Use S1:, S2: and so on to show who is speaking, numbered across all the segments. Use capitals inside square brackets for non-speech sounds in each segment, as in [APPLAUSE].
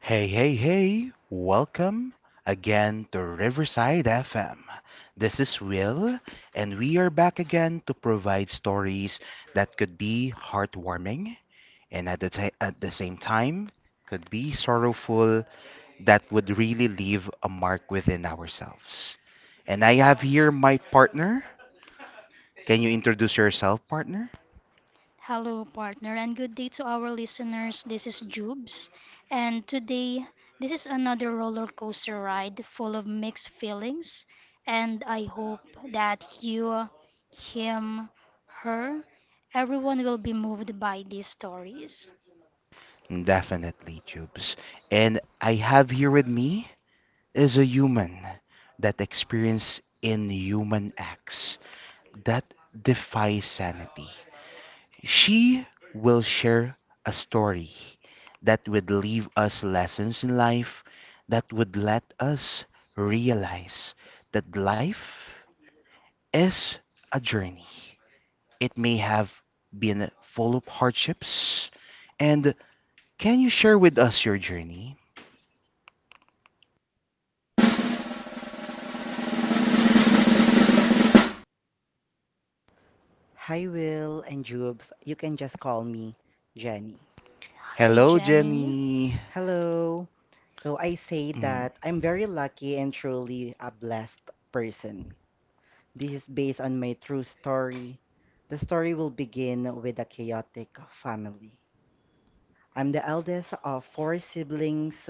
S1: Hey, hey, hey, welcome again to Riverside FM. This is Will, and we are back again to provide stories that could be heartwarming and at the same time could be sorrowful, that would really leave a mark within ourselves. And I have here my partner. Can you introduce yourself, partner?
S2: Hello, partner, and good day to our listeners. This is Jubes, and today this is another roller coaster ride full of mixed feelings. And I hope that you, him, her, everyone will be moved by these stories.
S1: Definitely, Jubes. And I have here with me is a human that experience inhuman acts that defy sanity. She will share a story that would leave us lessons in life that would let us realize that life is a journey. It may have been full of hardships. And can you share with us your journey?
S3: Hi, Will and Jubes. You can just call me Jenny.
S2: Hi,
S1: Hello,
S2: Jenny.
S1: Jenny.
S3: Hello. So I say
S1: Mm.
S3: that I'm very lucky and truly a blessed person. This is based on my true story. The story will begin with a chaotic family. I'm the eldest of four siblings,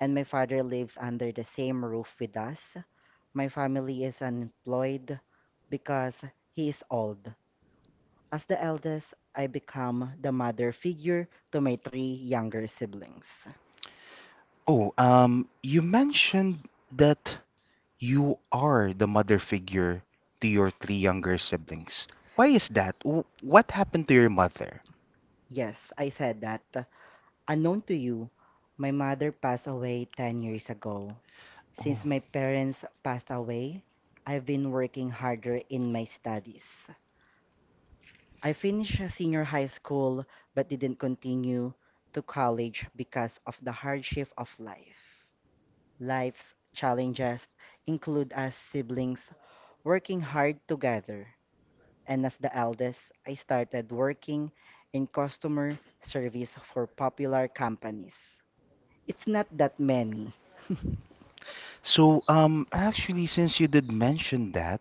S3: and my father lives under the same roof with us. My family is unemployed because he is old. As the eldest, I become the mother figure to my three younger siblings.
S1: Oh, you mentioned that you are the mother figure to your three younger siblings. Why is that? What happened to your mother?
S3: Yes, I said that. Unknown to you, my mother passed away 10 years ago.
S1: Oh.
S3: Since my parents passed away, I've been working harder in my studies. I finished senior high school but didn't continue to college because of the hardship of life. Life's challenges include us siblings working hard together, and as the eldest, I started working in customer service for popular companies. It's not that many. [LAUGHS]
S1: Actually, since you did mention that,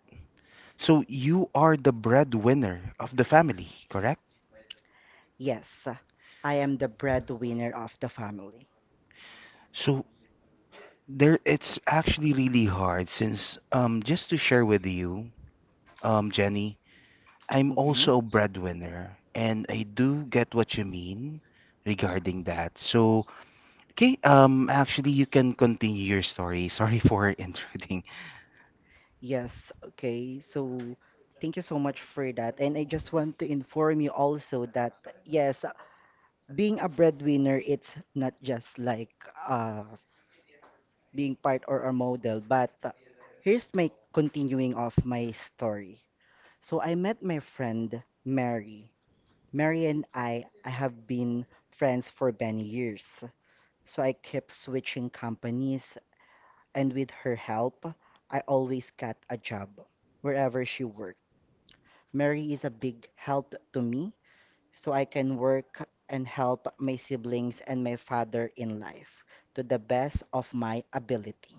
S1: so you are the breadwinner of the family, correct?
S3: Yes, I am the breadwinner of the family.
S1: So there, it's actually really hard since, just to share with you, Jenny. I'm
S3: Mhm.
S1: also a breadwinner, and I do get what you mean regarding that. So, okay, actually, you can continue your story. [LAUGHS] Sorry for intruding.
S3: Yes, okay. So thank you so much for that. And I just want to inform you also that yes, being a breadwinner, it's not just like uh being part or a model, but here's my continuing of my story. So I met my friend Mary. Mary and I have been friends for many years. So I kept switching companies, and with her help, I always got a job wherever she worked. Mary is a big help to me, so I can work and help my siblings and my father in life to the best of my ability.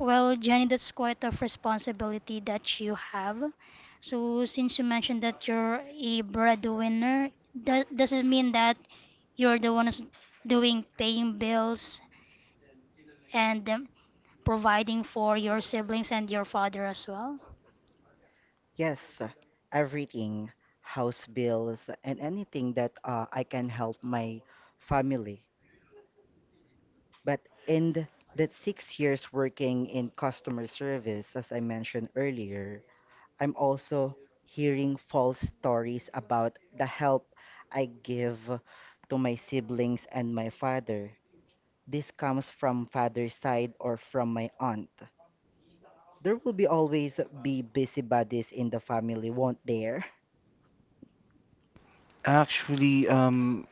S2: Well, Jenny, that's quite a responsibility that you have. So, since you mentioned that you're a breadwinner, that does it mean that you're the one who's doing paying bills and providing for your siblings and your father as well?
S3: Yes, everything, house bills, and anything that I can help my family. But in that 6 years working in customer service, as I mentioned earlier, I'm also hearing false stories about the help I give to my siblings and my father. This comes from father's side or from my aunt. There will be always be busybodies in the family, won't there? [LAUGHS]
S1: Actually,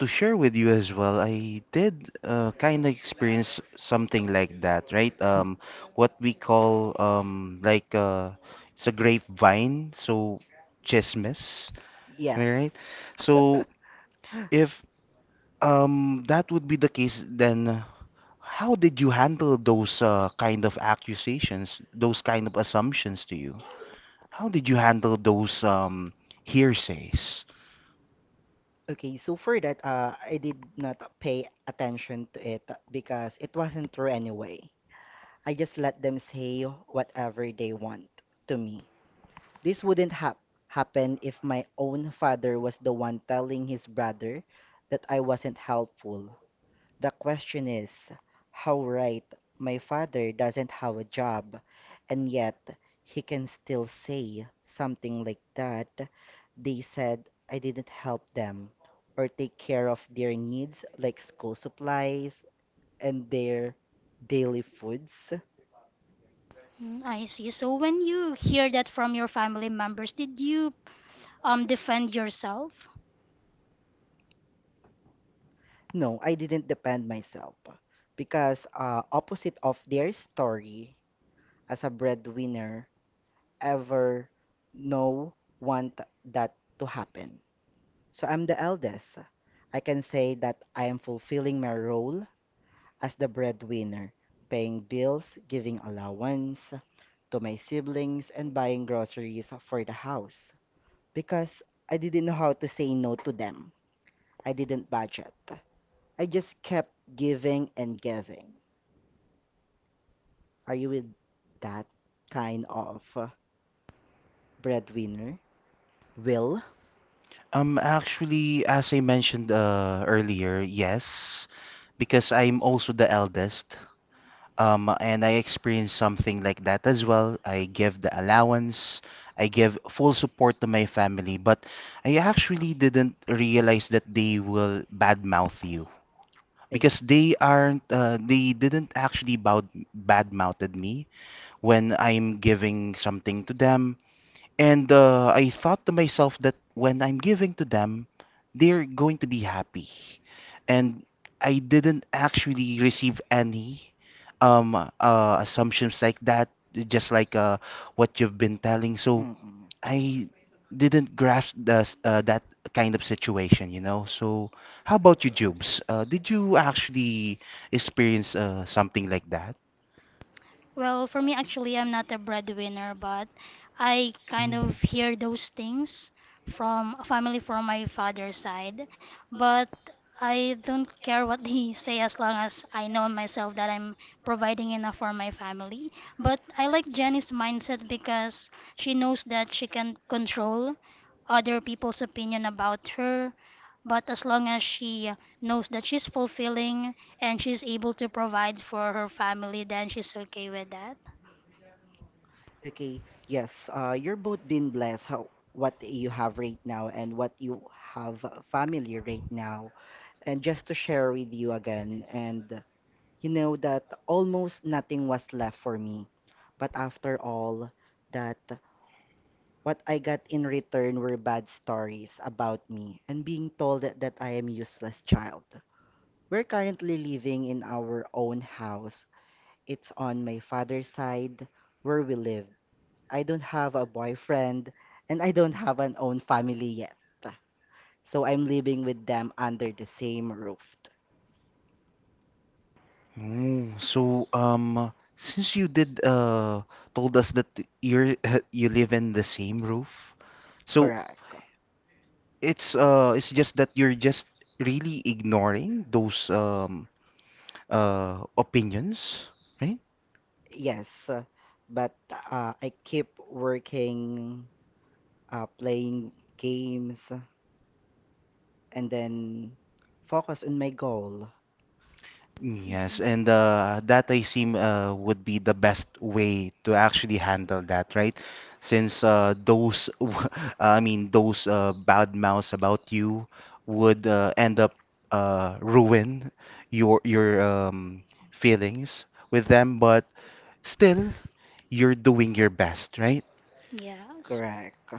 S1: to share with you as well, I did kind of experience something like that, right? What we call it's a grapevine, so chismes. Am I right? So if that would be the case then. How did you handle those kind of accusations, those kind of assumptions to you? How did you handle those hearsays?
S3: Okay, so for that, I did not pay attention to it because it wasn't true anyway. I just let them say whatever they want to me. This wouldn't happen if my own father was the one telling his brother that I wasn't helpful. The question is, how right my father doesn't have a job, and yet he can still say something like that they said I didn't help them or take care of their needs like school supplies and their daily foods.
S2: Mm, I see. So, when you hear that from your family members, did you defend yourself?
S3: No, I didn't depend myself because opposite of their story as a breadwinner ever no want that to happen. So I'm the eldest. I can say that I am fulfilling my role as the breadwinner, paying bills, giving allowance to my siblings, and buying groceries for the house. Because I didn't know how to say no to them. I didn't budget. I just kept giving and giving. Are you with that kind of breadwinner? Will?
S1: Actually, as I mentioned earlier, yes, because I'm also the eldest. And I experienced something like that as well. I give the allowance, I give full support to my family, but I actually didn't realize that they will badmouth you
S3: Yes.
S1: because they didn't actually bad mouthed me when I'm giving something to them and I thought to myself that when I'm giving to them they're going to be happy and I didn't actually receive any assumptions like that just like what you've been telling so
S3: Mm-mm.
S1: I didn't grasp that kind of situation, you know. So, how about you, Jubes? Did you actually experience something like that?
S2: Well, for me, actually, I'm not a breadwinner, but I kind
S1: Mm.
S2: of hear those things from a family from my father's side. But I don't care what they [LAUGHS] say as long as I know myself that I'm providing enough for my family. But I like Jenny's mindset because she knows that she can control other people's opinion about her. But as long as she knows that she's fulfilling and she's able to provide for her family, then she's okay with that.
S3: Okay, yes, you're both being blessed how what you have right now and what you have family right now. And just to share with you again, and you know that almost nothing was left for me. But after all, that what I got in return were bad stories about me and being told that I am useless child. We're currently living in our own house. It's on my father's side where we live. I don't have a boyfriend and I don't have an own family yet. So I'm living with them under the same roof.
S1: Since you did told us that you're [LAUGHS] you live in the same roof, so
S3: Correct.
S1: it's just that you're just really ignoring those opinions, right?
S3: Yes. But I keep working, playing games, and then focus on my goal.
S2: Mhm.
S1: Yes, and that I seem would be the best way to actually handle that, right? Since those, [LAUGHS] I mean, those bad mouths about you would end up ruin your feelings with them, but still, you're doing your best, right?
S2: Yes.
S3: Correct.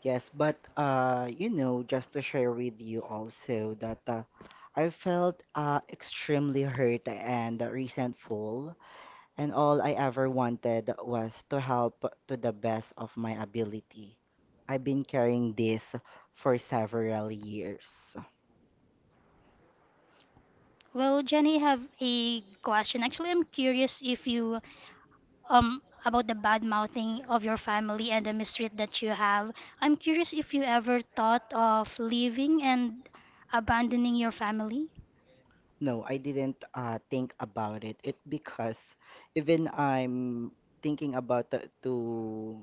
S3: Yes, but just to share with you also that I felt extremely hurt and resentful, and all I ever wanted was to help to the best of my ability. I've been carrying this for several years.
S2: Well, Jenny, have a question. Actually, I'm curious if you about the bad mouthing of your family and the mistreat that you have. I'm curious if you ever thought of leaving and abandoning your family.
S3: No, I didn't think about it. It because even I'm thinking about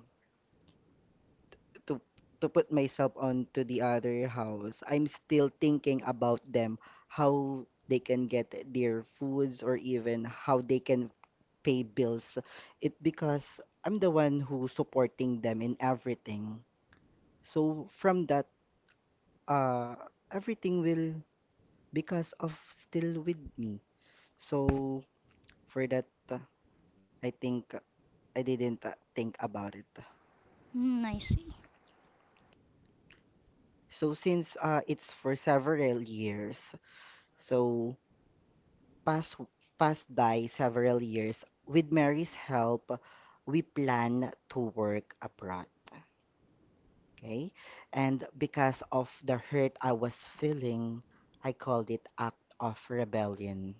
S3: to to put myself onto the other house, I'm still thinking about them, how they can get their foods or even how they can pay bills. It because I'm the one who supporting them in everything. So from that, uh, everything will because of still with me. So for that, I think I didn't think about it.
S2: Mm, I see.
S3: So since it's for several years, so pass passed by several years with Mary's help, we plan to work abroad. Okay. And because of the hurt I was feeling, I called it act of rebellion.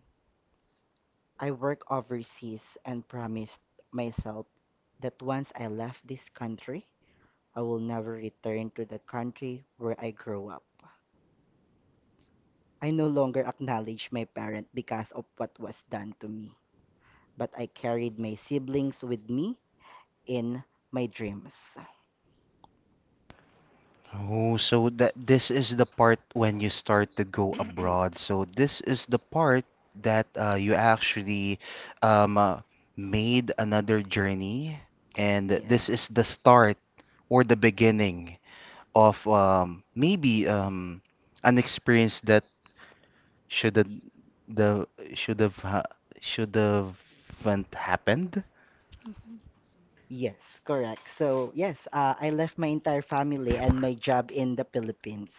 S3: I work overseas and promised myself that once I left this country, I will never return to the country where I grew up. I no longer acknowledge my parent because of what was done to me, but I carried my siblings with me in my dreams.
S1: Oh, so that this is the part when you start to go [CLEARS THROAT] abroad. So this is the part that you actually um, uh, made another journey, and
S3: Yeah.
S1: this is the start or the beginning of maybe an experience that should have the should have ha should have happened.
S2: Mm-hmm.
S3: Yes, correct. So, yes, I left my entire family and my job in the Philippines.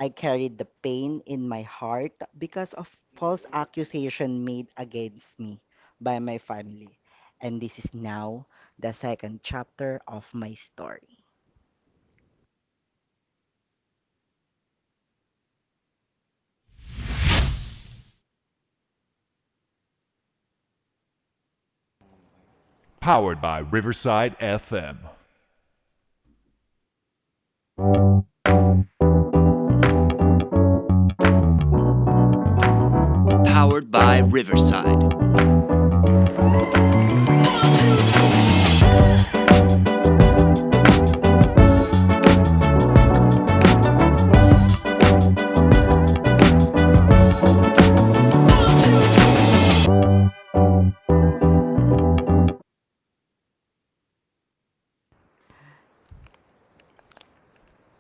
S3: I carried the pain in my heart because of false accusation made against me by my family. And this is now the second chapter of my story.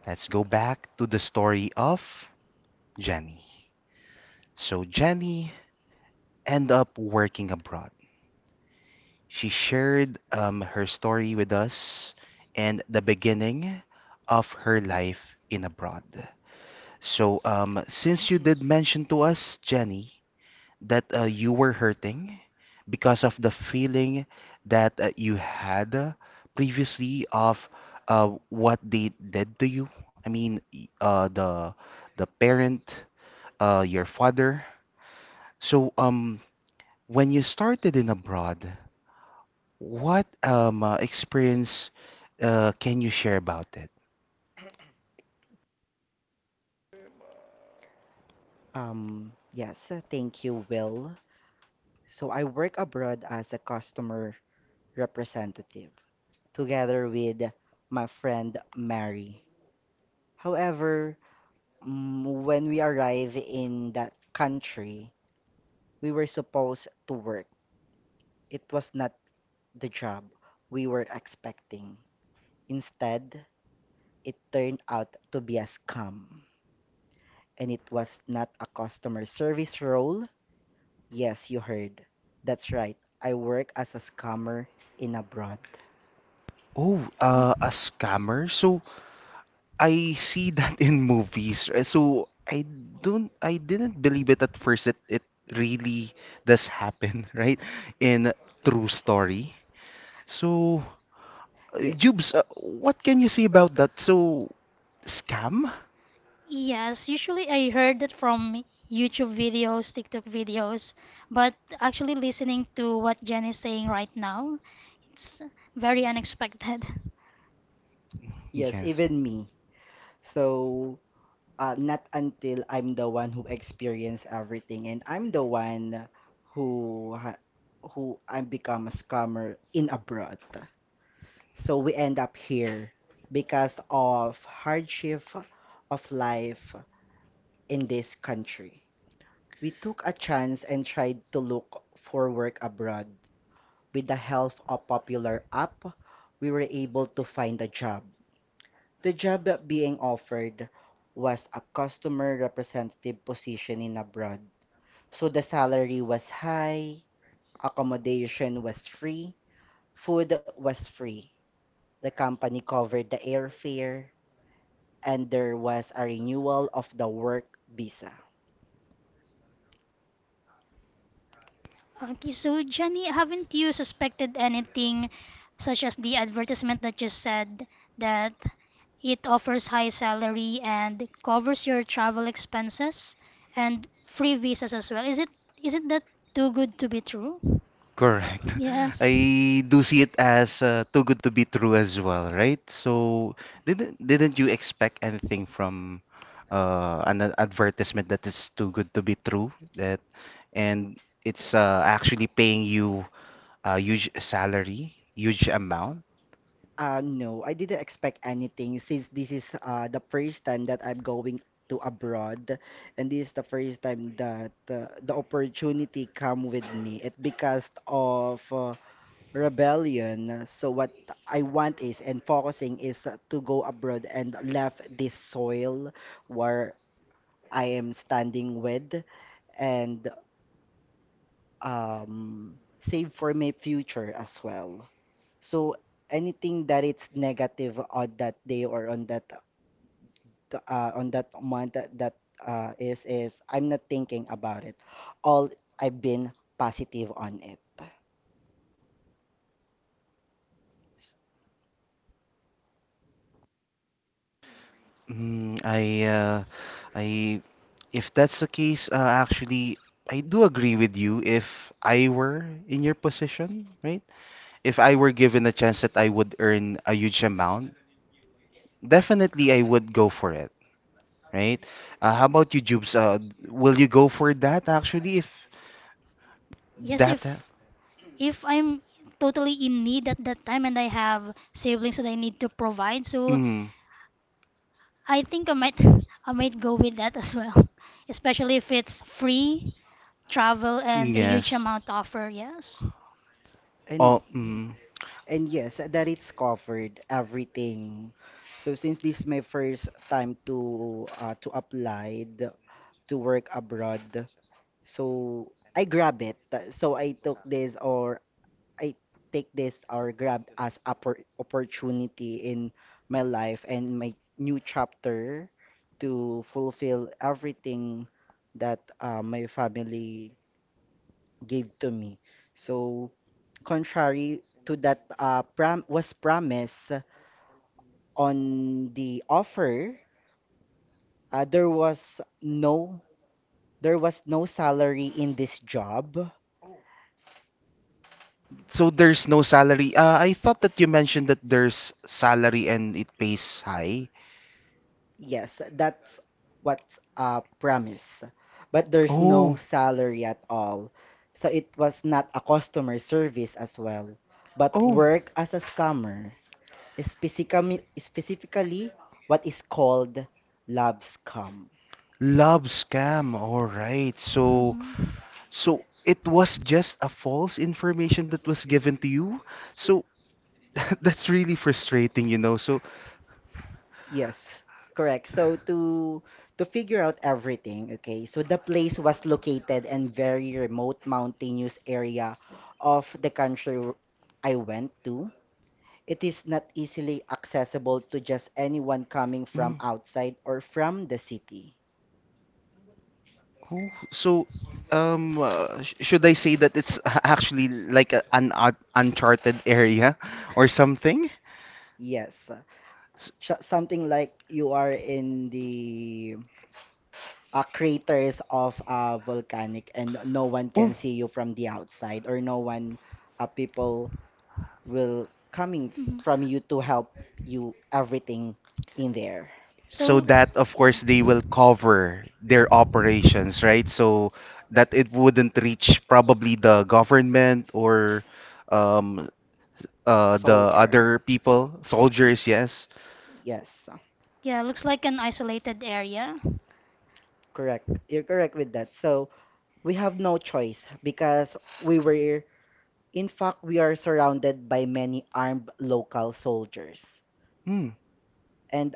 S1: Let's go back to the story of Jenny. So Jenny end up working abroad. She shared her story with us and the beginning of her life in abroad. So, since you did mention to us, Jenny, that you were hurting because of the feeling that you had previously of what they did to you. I mean, the parent, your father. So, when you started in abroad. What experience can you share about it?
S3: Yes, thank you, Will. So I work abroad as a customer representative, together with my friend Mary. However, when we arrived in that country, we were supposed to work. It was not the job we were expecting. Instead, it turned out to be a scam. And it was not a customer service role. Yes, you heard. That's right. I work as a scammer in abroad.
S1: Oh, a scammer. So I see that [LAUGHS] in movies. So I didn't believe it at first that it really does happen, [LAUGHS] right? In true story. So,
S3: Yes,
S1: Jubes, what can you say about that? So, scam?
S2: Yes, usually I heard it from YouTube videos, TikTok videos, but actually listening to what Jen is saying right now, it's very unexpected. [LAUGHS]
S3: yes,
S1: Yes.
S3: even me. So, not until I'm the one who experienced everything and I'm the one who ha- who I become a scammer in abroad. So we end up here because of hardship of life in this country. We took a chance and tried to look for work abroad. With the help of popular app, we were able to find a job. The job that being offered was a customer representative position in abroad. So the salary was high, accommodation was free, food was free. The company covered the airfare, and there was a renewal of the work visa.
S2: Okay, so Jenny, haven't you suspected anything such as the advertisement that you said that it offers high salary and covers your travel expenses and free visas as well? Is it isn't that too good to be true?
S1: Correct. [LAUGHS]
S2: Yes.
S1: I do see it as too good to be true as well, right? So didn't you expect anything from advertisement that is too good to be true that and it's actually paying you a huge salary, huge amount?
S3: No, I didn't expect anything since this is the first time that I'm going to abroad and this is the first time that the opportunity come with me. It because of rebellion. So what I want is, and focusing is to go abroad and left this soil where I am standing with, and um, save for my future as well. So anything that it's negative on that day or on that month that is I'm not thinking about it. All I've been positive on it.
S1: Mm, I If that's the case, actually I do agree with you if I were in your position, right? If I were given a chance that I would earn a huge amount, definitely I would go for it, right? How about you, Jubes? Will you go for that actually if
S2: Yes,
S1: that?
S2: if I'm totally in need at that time and I have siblings that I need to provide, so
S1: Mm,
S2: I think I might [LAUGHS] I might go with that as well. [LAUGHS] Especially if it's free travel and a huge
S1: yes.
S2: amount offer, yes.
S3: And
S1: Oh,
S3: y-
S1: mm.
S3: And yes, that it's covered everything. So since this is my first time to work abroad, so I grab it. So I took this or I take this or grab as opportunity in my life and my new chapter to fulfill everything that my family gave to me. So, contrary to that was promised on the offer, there was no no salary in this job.
S1: So there's no salary. I thought that you mentioned that there's salary and it pays high.
S3: Yes, that's what promise, but there's no
S1: Oh.
S3: salary at all. So it was not a customer service as well, but
S1: Oh.
S3: work as a scammer, specifically what is called love scam.
S1: Love scam. All right. So
S2: Mhm.
S1: so it was just a false information that was given to you. So [LAUGHS] that's really frustrating, you know. So,
S3: Yes, correct. So to figure out everything, okay, so the place was located in very remote mountainous area of the country I went to. It is not easily accessible to just anyone coming from
S1: mm,
S3: outside or from the city.
S1: oh, so should I say that it's actually like an un uncharted area or something?
S3: Yes,
S1: S-
S3: Sh something like you are in the craters of a volcanic and no one
S1: Oh,
S3: can see you from the outside or no one, people will coming
S2: Mhm.
S3: from you to help you everything in there.
S1: so
S2: So,
S1: that of
S2: yeah.
S1: course they will cover their operations, right? So that it wouldn't reach probably the government or um, the other
S3: Soldier.
S1: people, soldiers, yes.
S3: Yes,
S2: Yeah, looks like an isolated area.
S3: correct. You're correct with that. So we have no choice because we were, in fact, we are surrounded by many armed local soldiers,
S1: Hmm,
S3: and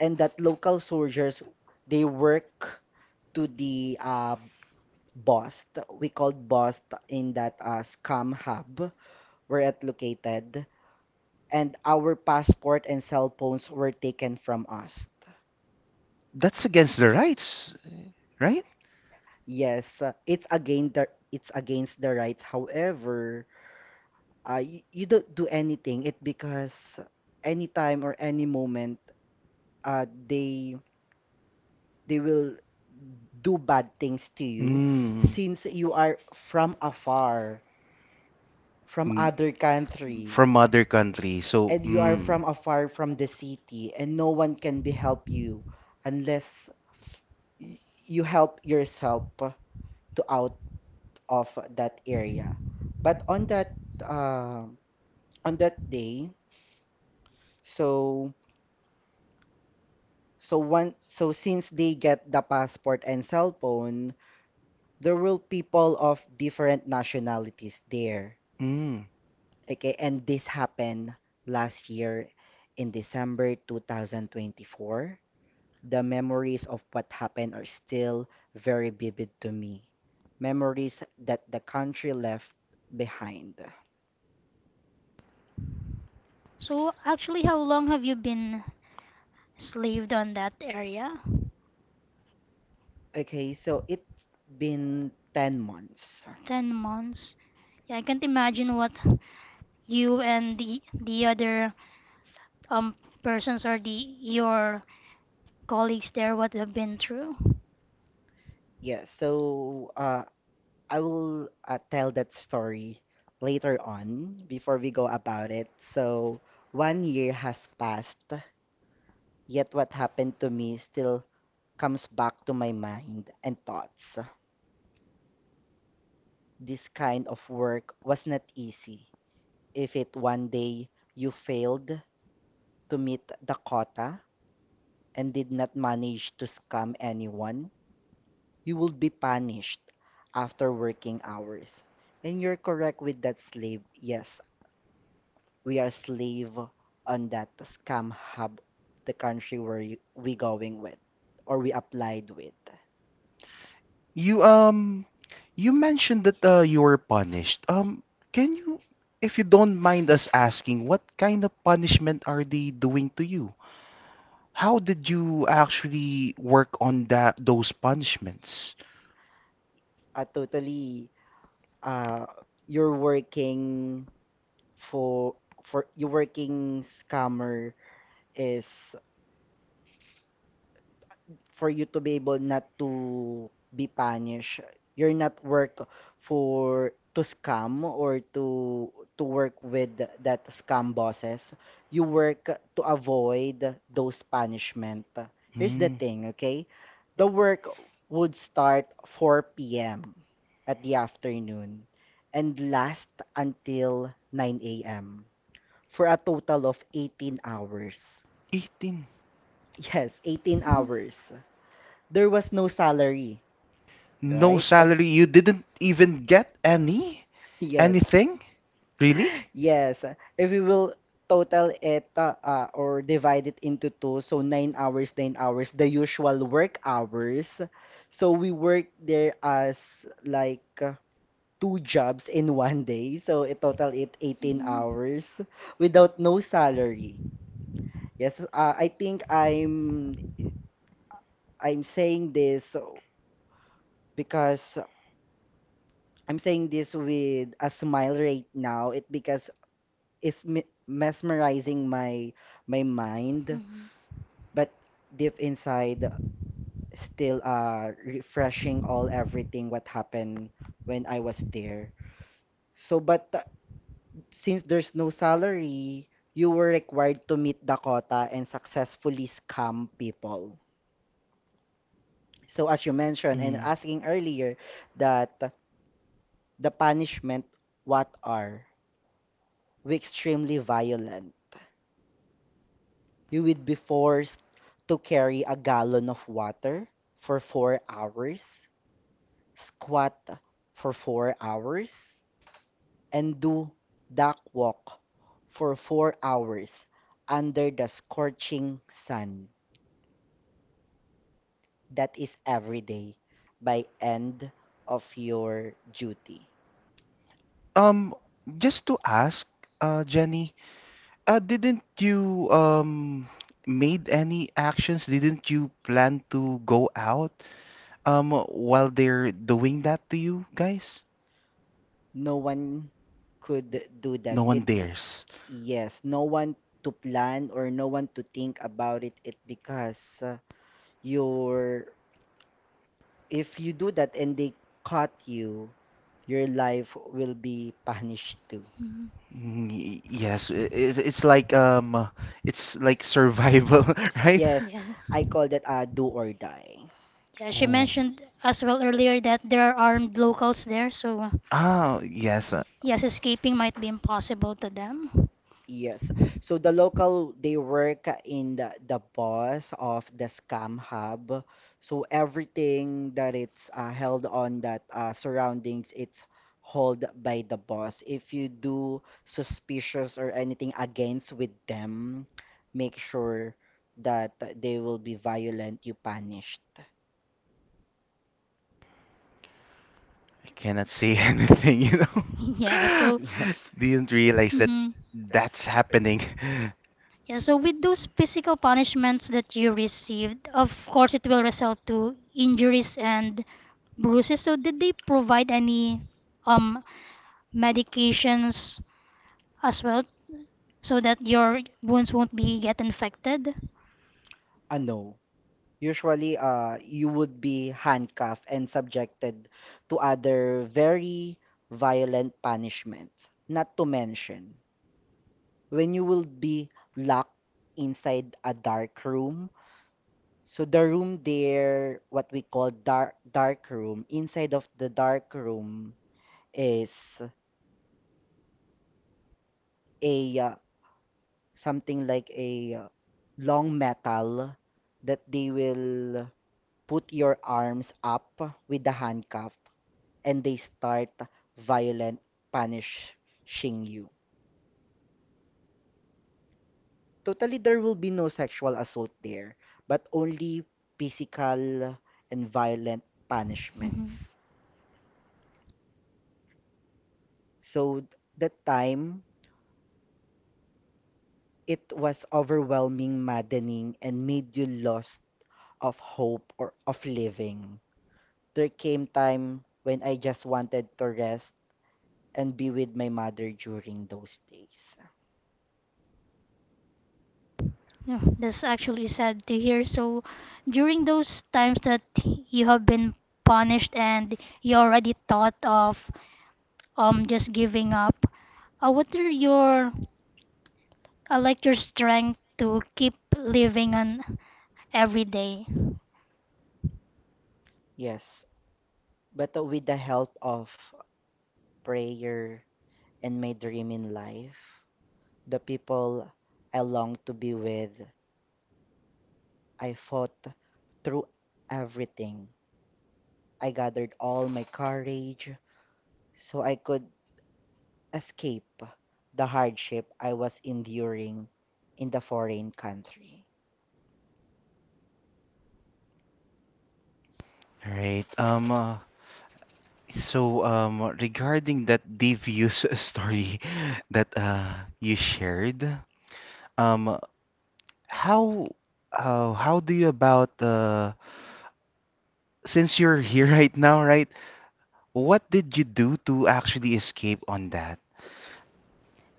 S3: and that local soldiers they work to the BOST. We called BOST in that scam hub where it located, and our passport and cell phones were taken from us.
S1: that's against the rights, right?
S3: Yes, it's against the rights. However, you don't do anything. It because anytime or any moment, uh, they they will do bad things to you. Mm.
S1: Mm.
S3: Since you are from afar, from
S1: Mm,
S3: other country,
S1: from other country. So,
S3: and you are from afar from the city, and no one can be help you unless y- you help yourself to out of that area. But um on that day, so so since they get the passport and cell phone, there will people of different nationalities there.
S1: mm.
S3: Okay, and this happened last year in December 2024. The memories of what happened are still very vivid to me. Memories that the country left behind.
S2: So, actually, how long have you been slaved on that area?
S3: Okay, so it's been 10 months.
S2: 10 months. Yeah, I can't imagine what you and the other um persons or the your colleagues there would have been through.
S3: Yeah, so I will tell that story later on before we go about it. So, 1 year has passed, yet what happened to me still comes back to my mind and thoughts. This kind of work was not easy. If it one day you failed to meet the quota and did not manage to scam anyone, you will be punished after working hours. And you're correct with that slave. Yes, we are slave on that scam hub, the country where we going with or we applied with.
S1: You um you mentioned that you were punished. Can you, if you don't mind us asking, what kind of punishment are they doing to you? How did you actually work on that those punishments?
S3: Uh, totally, uh, you're working for for you working scammer is for you to be able not to be punished. You're not work for to scam or to work with that scam bosses. You work to avoid those punishment. Here's the
S1: Mm,
S3: thing, okay? The work would start 4 p.m. at the afternoon and last until 9 a.m. for a total of 18 hours. [LAUGHS]
S1: 18.
S3: Yes, 18
S2: Mhm.
S3: hours. There was no salary,
S1: No
S3: right?
S1: salary. You didn't even get any
S3: Yes.
S1: anything? Really?
S3: Yes, if we will total it or divide it into two, so 9 hours, 9 hours, the usual work hours. So we work there as like two jobs in [LAUGHS] one day, so it total it 18
S2: Mhm.
S3: hours without no salary. Yes, I think I'm saying this because I'm saying this with a smile right now. It because mesmerizing my mind,
S2: Mhm.
S3: but deep inside, still refreshing all everything what happened when I was there. So, but since there's no salary, you were required to meet Dakota and successfully scam people. So, as you mentioned and
S1: Mm.
S3: asking earlier, that the punishment what are? We extremely violent you would be forced to carry a gallon of water for 4 hours, squat for 4 hours, and do duck walk for 4 hours under the scorching sun. That is every day by end of your duty.
S1: Um, just to ask, Jenny, didn't you made any actions? Didn't you plan to go out while they're doing that to you guys?
S3: No one could do that.
S1: No
S3: No one
S1: one
S3: It be- thinks.
S1: dares.
S3: Yes, no one to plan or no one to think about it. It because uh, your if you do that and they caught you, your life will be punished too.
S2: Mhm.
S1: Yes, it's like survival, [LAUGHS]
S3: [LAUGHS]
S1: right?
S3: Yes,
S2: Yes.
S3: I call that a do or die.
S2: Yeah, she
S1: Oh.
S2: mentioned as well earlier that there are armed locals there, so
S1: Ah, yes.
S2: yes, escaping might be impossible to them.
S3: Yes. So the local, they work in the boss of the scam hub. So everything that it's held on that surroundings, it's held by the boss. If you do suspicious or anything against with them, make sure that they will be violent, you punished. [LAUGHS]
S1: I cannot say [LAUGHS] anything, you
S2: [LAUGHS] Yeah,
S1: know.
S2: so.
S3: Yeah,
S1: [LAUGHS] Didn't realize that
S2: Mm-hmm.
S1: that's happening. [LAUGHS]
S2: Yeah, so with those physical punishments that you received, of course it will result to injuries and bruises. So did they provide any um medications as well so that your wounds won't be get infected?
S3: I know. Usually you would be handcuffed and subjected to other very violent punishments. Not to mention, when you will be locked inside a dark room. So the room there, what we call dark room, inside of the dark room is a something like a long metal that they will put your arms up with the handcuff and they start violent punishing you. Totally, there will be no sexual assault there, but only physical and violent
S2: Hmm.
S3: punishments. So that time, it was overwhelming, maddening, and made you lost of hope or of living. There came time when I just wanted to rest and be with my mother during those days.
S2: Yeah, that's actually sad to hear. So during those times that you have been punished and you already thought of just giving up, what are your I like your strength to keep living on every day.
S3: Yes, but with the help of prayer and my dream in life, the people I long to be with. I fought through everything. I gathered all my courage so I could escape the hardship I was enduring in the foreign country.
S1: All right. Regarding that devious [LAUGHS] story that you shared, um, how how do you about since you're here [LAUGHS] right now, right? What did you do to actually escape on that?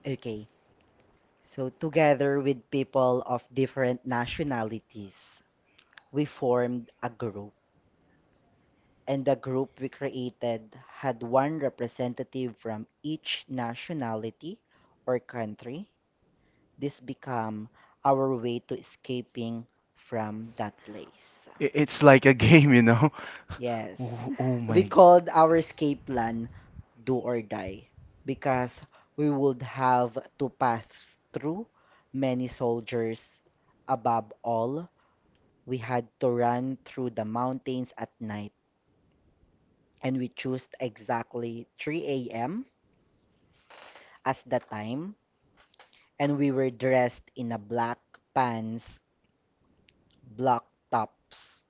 S3: Okay, so together with people of different nationalities, we formed a group and the group we created had one representative from each nationality or country. This became our way to escaping from that place.
S1: It's like a [LAUGHS] game, you know? [LAUGHS]
S3: Yes,
S1: Oh, oh
S3: we
S1: my.
S3: called our escape plan Do or Die because we would have to pass through many soldiers. Above all, we had to run through the mountains at night and we chose exactly 3 a.m as the time, and we were dressed in a black pants, black tops.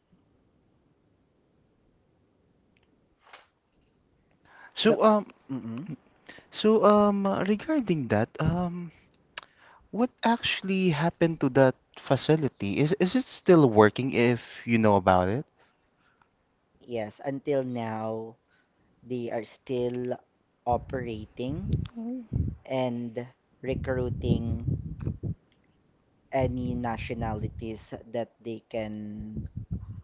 S3: The,
S1: So, um,
S3: mm
S1: Regarding that, what actually happened to that facility? Is it still working if you know about it?
S3: yes, until now, they are still operating
S2: Oh.
S3: and recruiting any nationalities that they can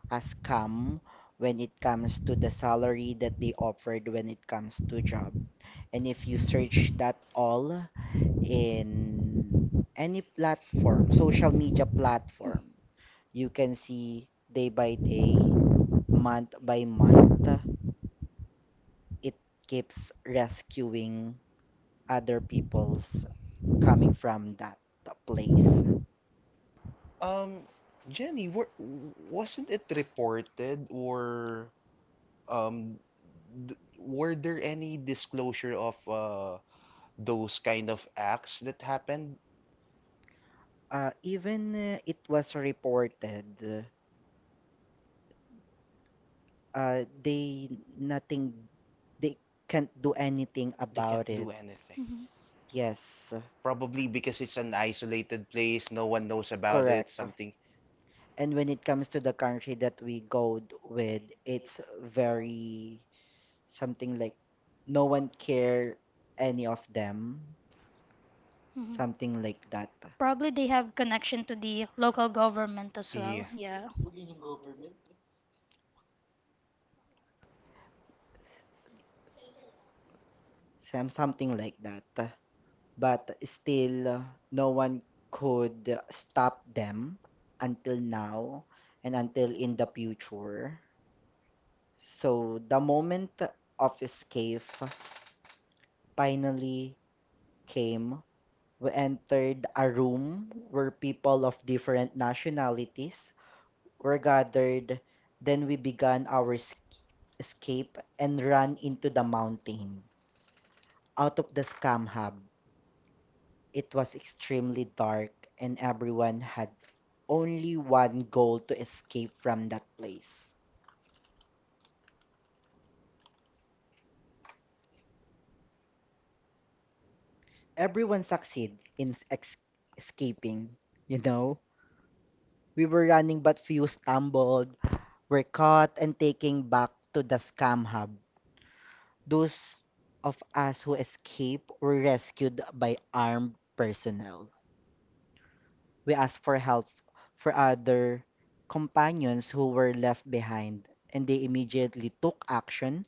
S3: as come when it comes to the salary that they offered when it comes to job. And if you search that all, in any platform, social media platform, you can see day by day, month by month, it keeps rescuing other people's coming from that place.
S1: Um, Jenny, wasn't it reported or um, d were there any disclosure of those kind of acts that happened?
S3: Even it was reported, they nothing, they can't do anything
S1: They
S3: about
S1: can't
S3: it.
S1: do anything.
S2: Mhm,
S3: Yes.
S1: Probably
S3: Probably because
S1: because
S3: it's
S1: it's an
S3: an isolated
S1: isolated
S3: place,
S1: place, no
S3: no
S1: one
S3: one
S1: knows
S3: knows about it,
S1: about it,
S3: correct. Something.
S1: something.
S3: And when it comes to the country that we with, it's very something like no one care any of them,
S2: mhm.
S3: something like that.
S2: Probably they have connection to the local government as
S1: Yeah.
S2: well. Yeah.
S3: Something like that. But still, no one could stop them until now and until in the future. So the moment of escape finally came. We entered a room where people of different nationalities were gathered. Then we began escape and ran into the mountain, out of the scam hub. It was extremely dark, and everyone had only one goal to escape from that place. Everyone succeeded in escaping, you know? We were running, but few stumbled, were caught, and taken back to the scam hub. Those of us who escaped were rescued by armed personnel. We asked for help for other companions who were left behind, and they immediately took action.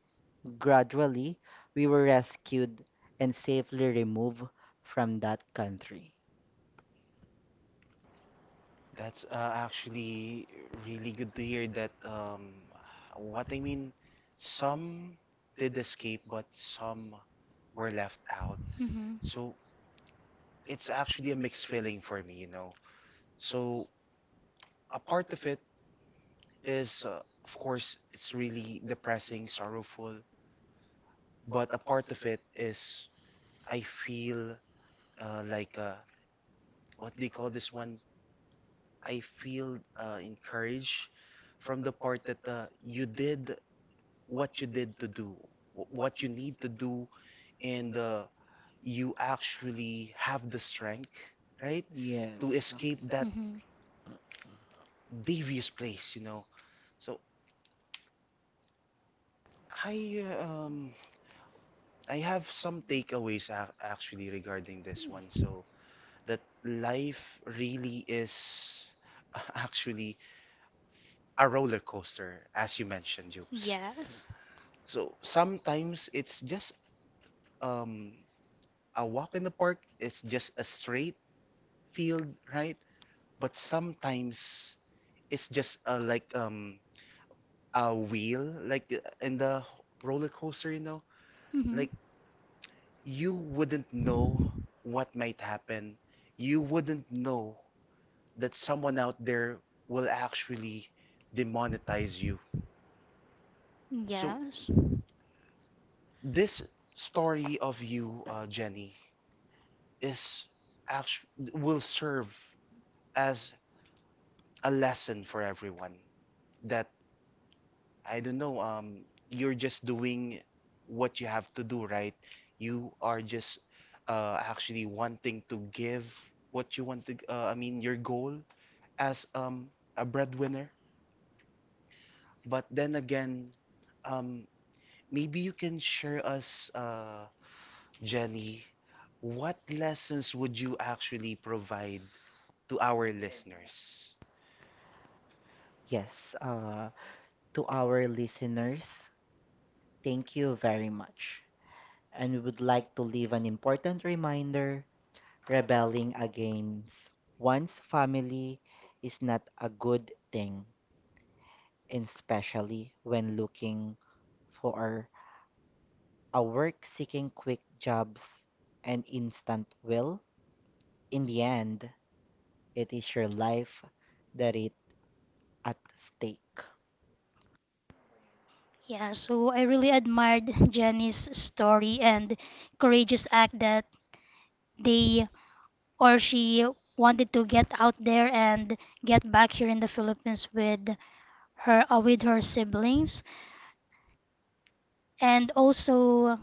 S3: Gradually, we were rescued and safely removed from that country.
S1: That's actually really good to hear that what I mean, some did escape, but some were left out.
S2: Hmm.
S1: So it's actually a mixed feeling for me, you know. So a part of it is, of course, it's really depressing, sorrowful, but a part of it is I feel uh, like uh, what they call this one? I feel encouraged from the part that you did what you did to do, what you need to do, and you actually have the strength, right, to
S3: Yes.
S1: escape that
S2: Hmm.
S1: devious place, you know. So I uh, um I have some takeaways ac actually regarding this one. So that life really is [LAUGHS] actually a roller coaster, as you mentioned, Jobs.
S2: Yes.
S1: So sometimes it's just um a walk in the park. It's just a straight field, right? But sometimes it's just a wheel like in the roller coaster, you know,
S2: Hmm.
S1: like you wouldn't know what might happen, you wouldn't know that someone out there will actually demonetize you. So
S2: Yes.
S1: this story of you, Jenny, is actually will serve as a lesson for everyone that I don't know, you're just doing what you have to do, right? You are just actually wanting to give what you want to, I mean, your goal as a breadwinner. But then again, um, maybe you can share us, Jenny, what lessons would you actually provide to our listeners?
S3: Yes, to our listeners, thank you very much. And we would like to leave an important reminder rebelling against one's family is not a good thing, and especially when looking for a work seeking quick jobs and instant will. In the end, it is your life that is at stake.
S2: Yeah, so I really admired Jenny's story and courageous act that they or she wanted to get out there and get back here in the Philippines with her siblings. And also,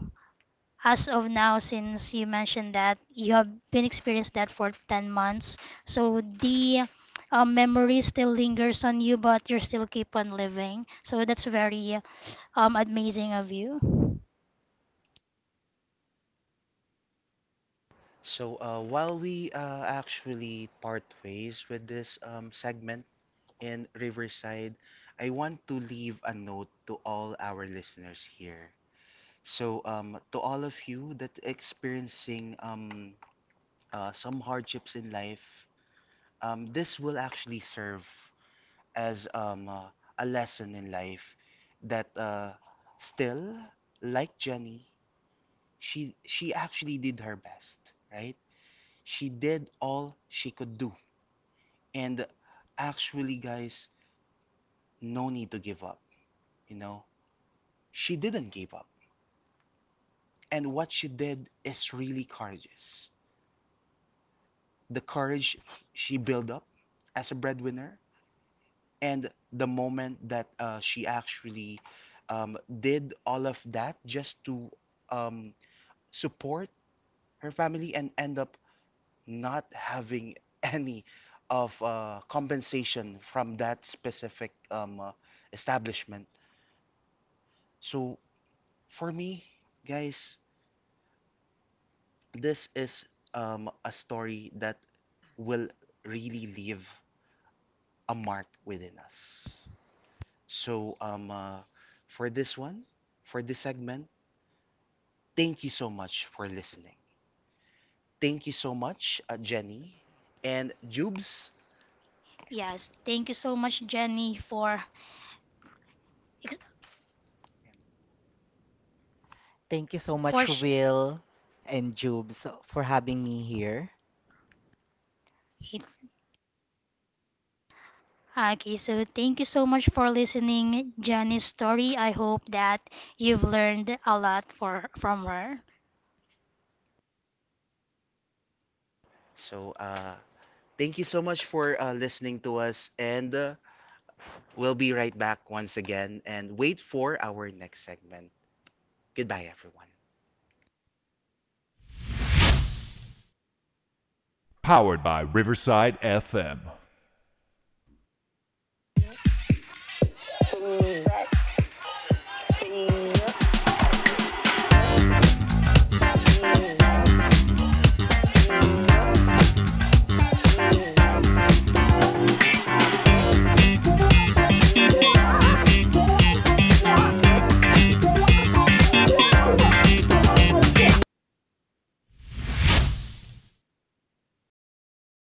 S2: as of now, since you mentioned that you have been experienced that for 10 months, so the memory still lingers on you, but you still keep on living. So that's very amazing of you.
S1: So, while we actually part ways with this segment, in Riverside, I want to leave a note to all our listeners here. So, to all of you that experiencing some hardships in life, this will actually serve as a lesson in life that still, like Jenny, she actually did her best, right? She did all she could do, and actually, guys, no need to give up. You know, she didn't give up. And what she did is really courageous. The courage she built up as a breadwinner, and the moment that she actually did all of that just to um, support her family and end up not having [LAUGHS] any of compensation from that specific establishment. So for me, guys, this is a story that will really leave a mark within us. So, for this one, for this segment, thank you so much for listening. Thank you so much, Jenny and Jubes.
S2: Yes, thank you so much, Jenny, for ex-
S3: Thank you so
S2: for
S3: much,
S2: sh-
S3: Will and Jubes, for having me here.
S2: it- okay, so thank you so much for listening, Jenny's story. I hope that you've learned a lot for from her.
S1: So, thank you so much for listening to us, and we'll be right back once again and wait for our next segment. Goodbye, everyone.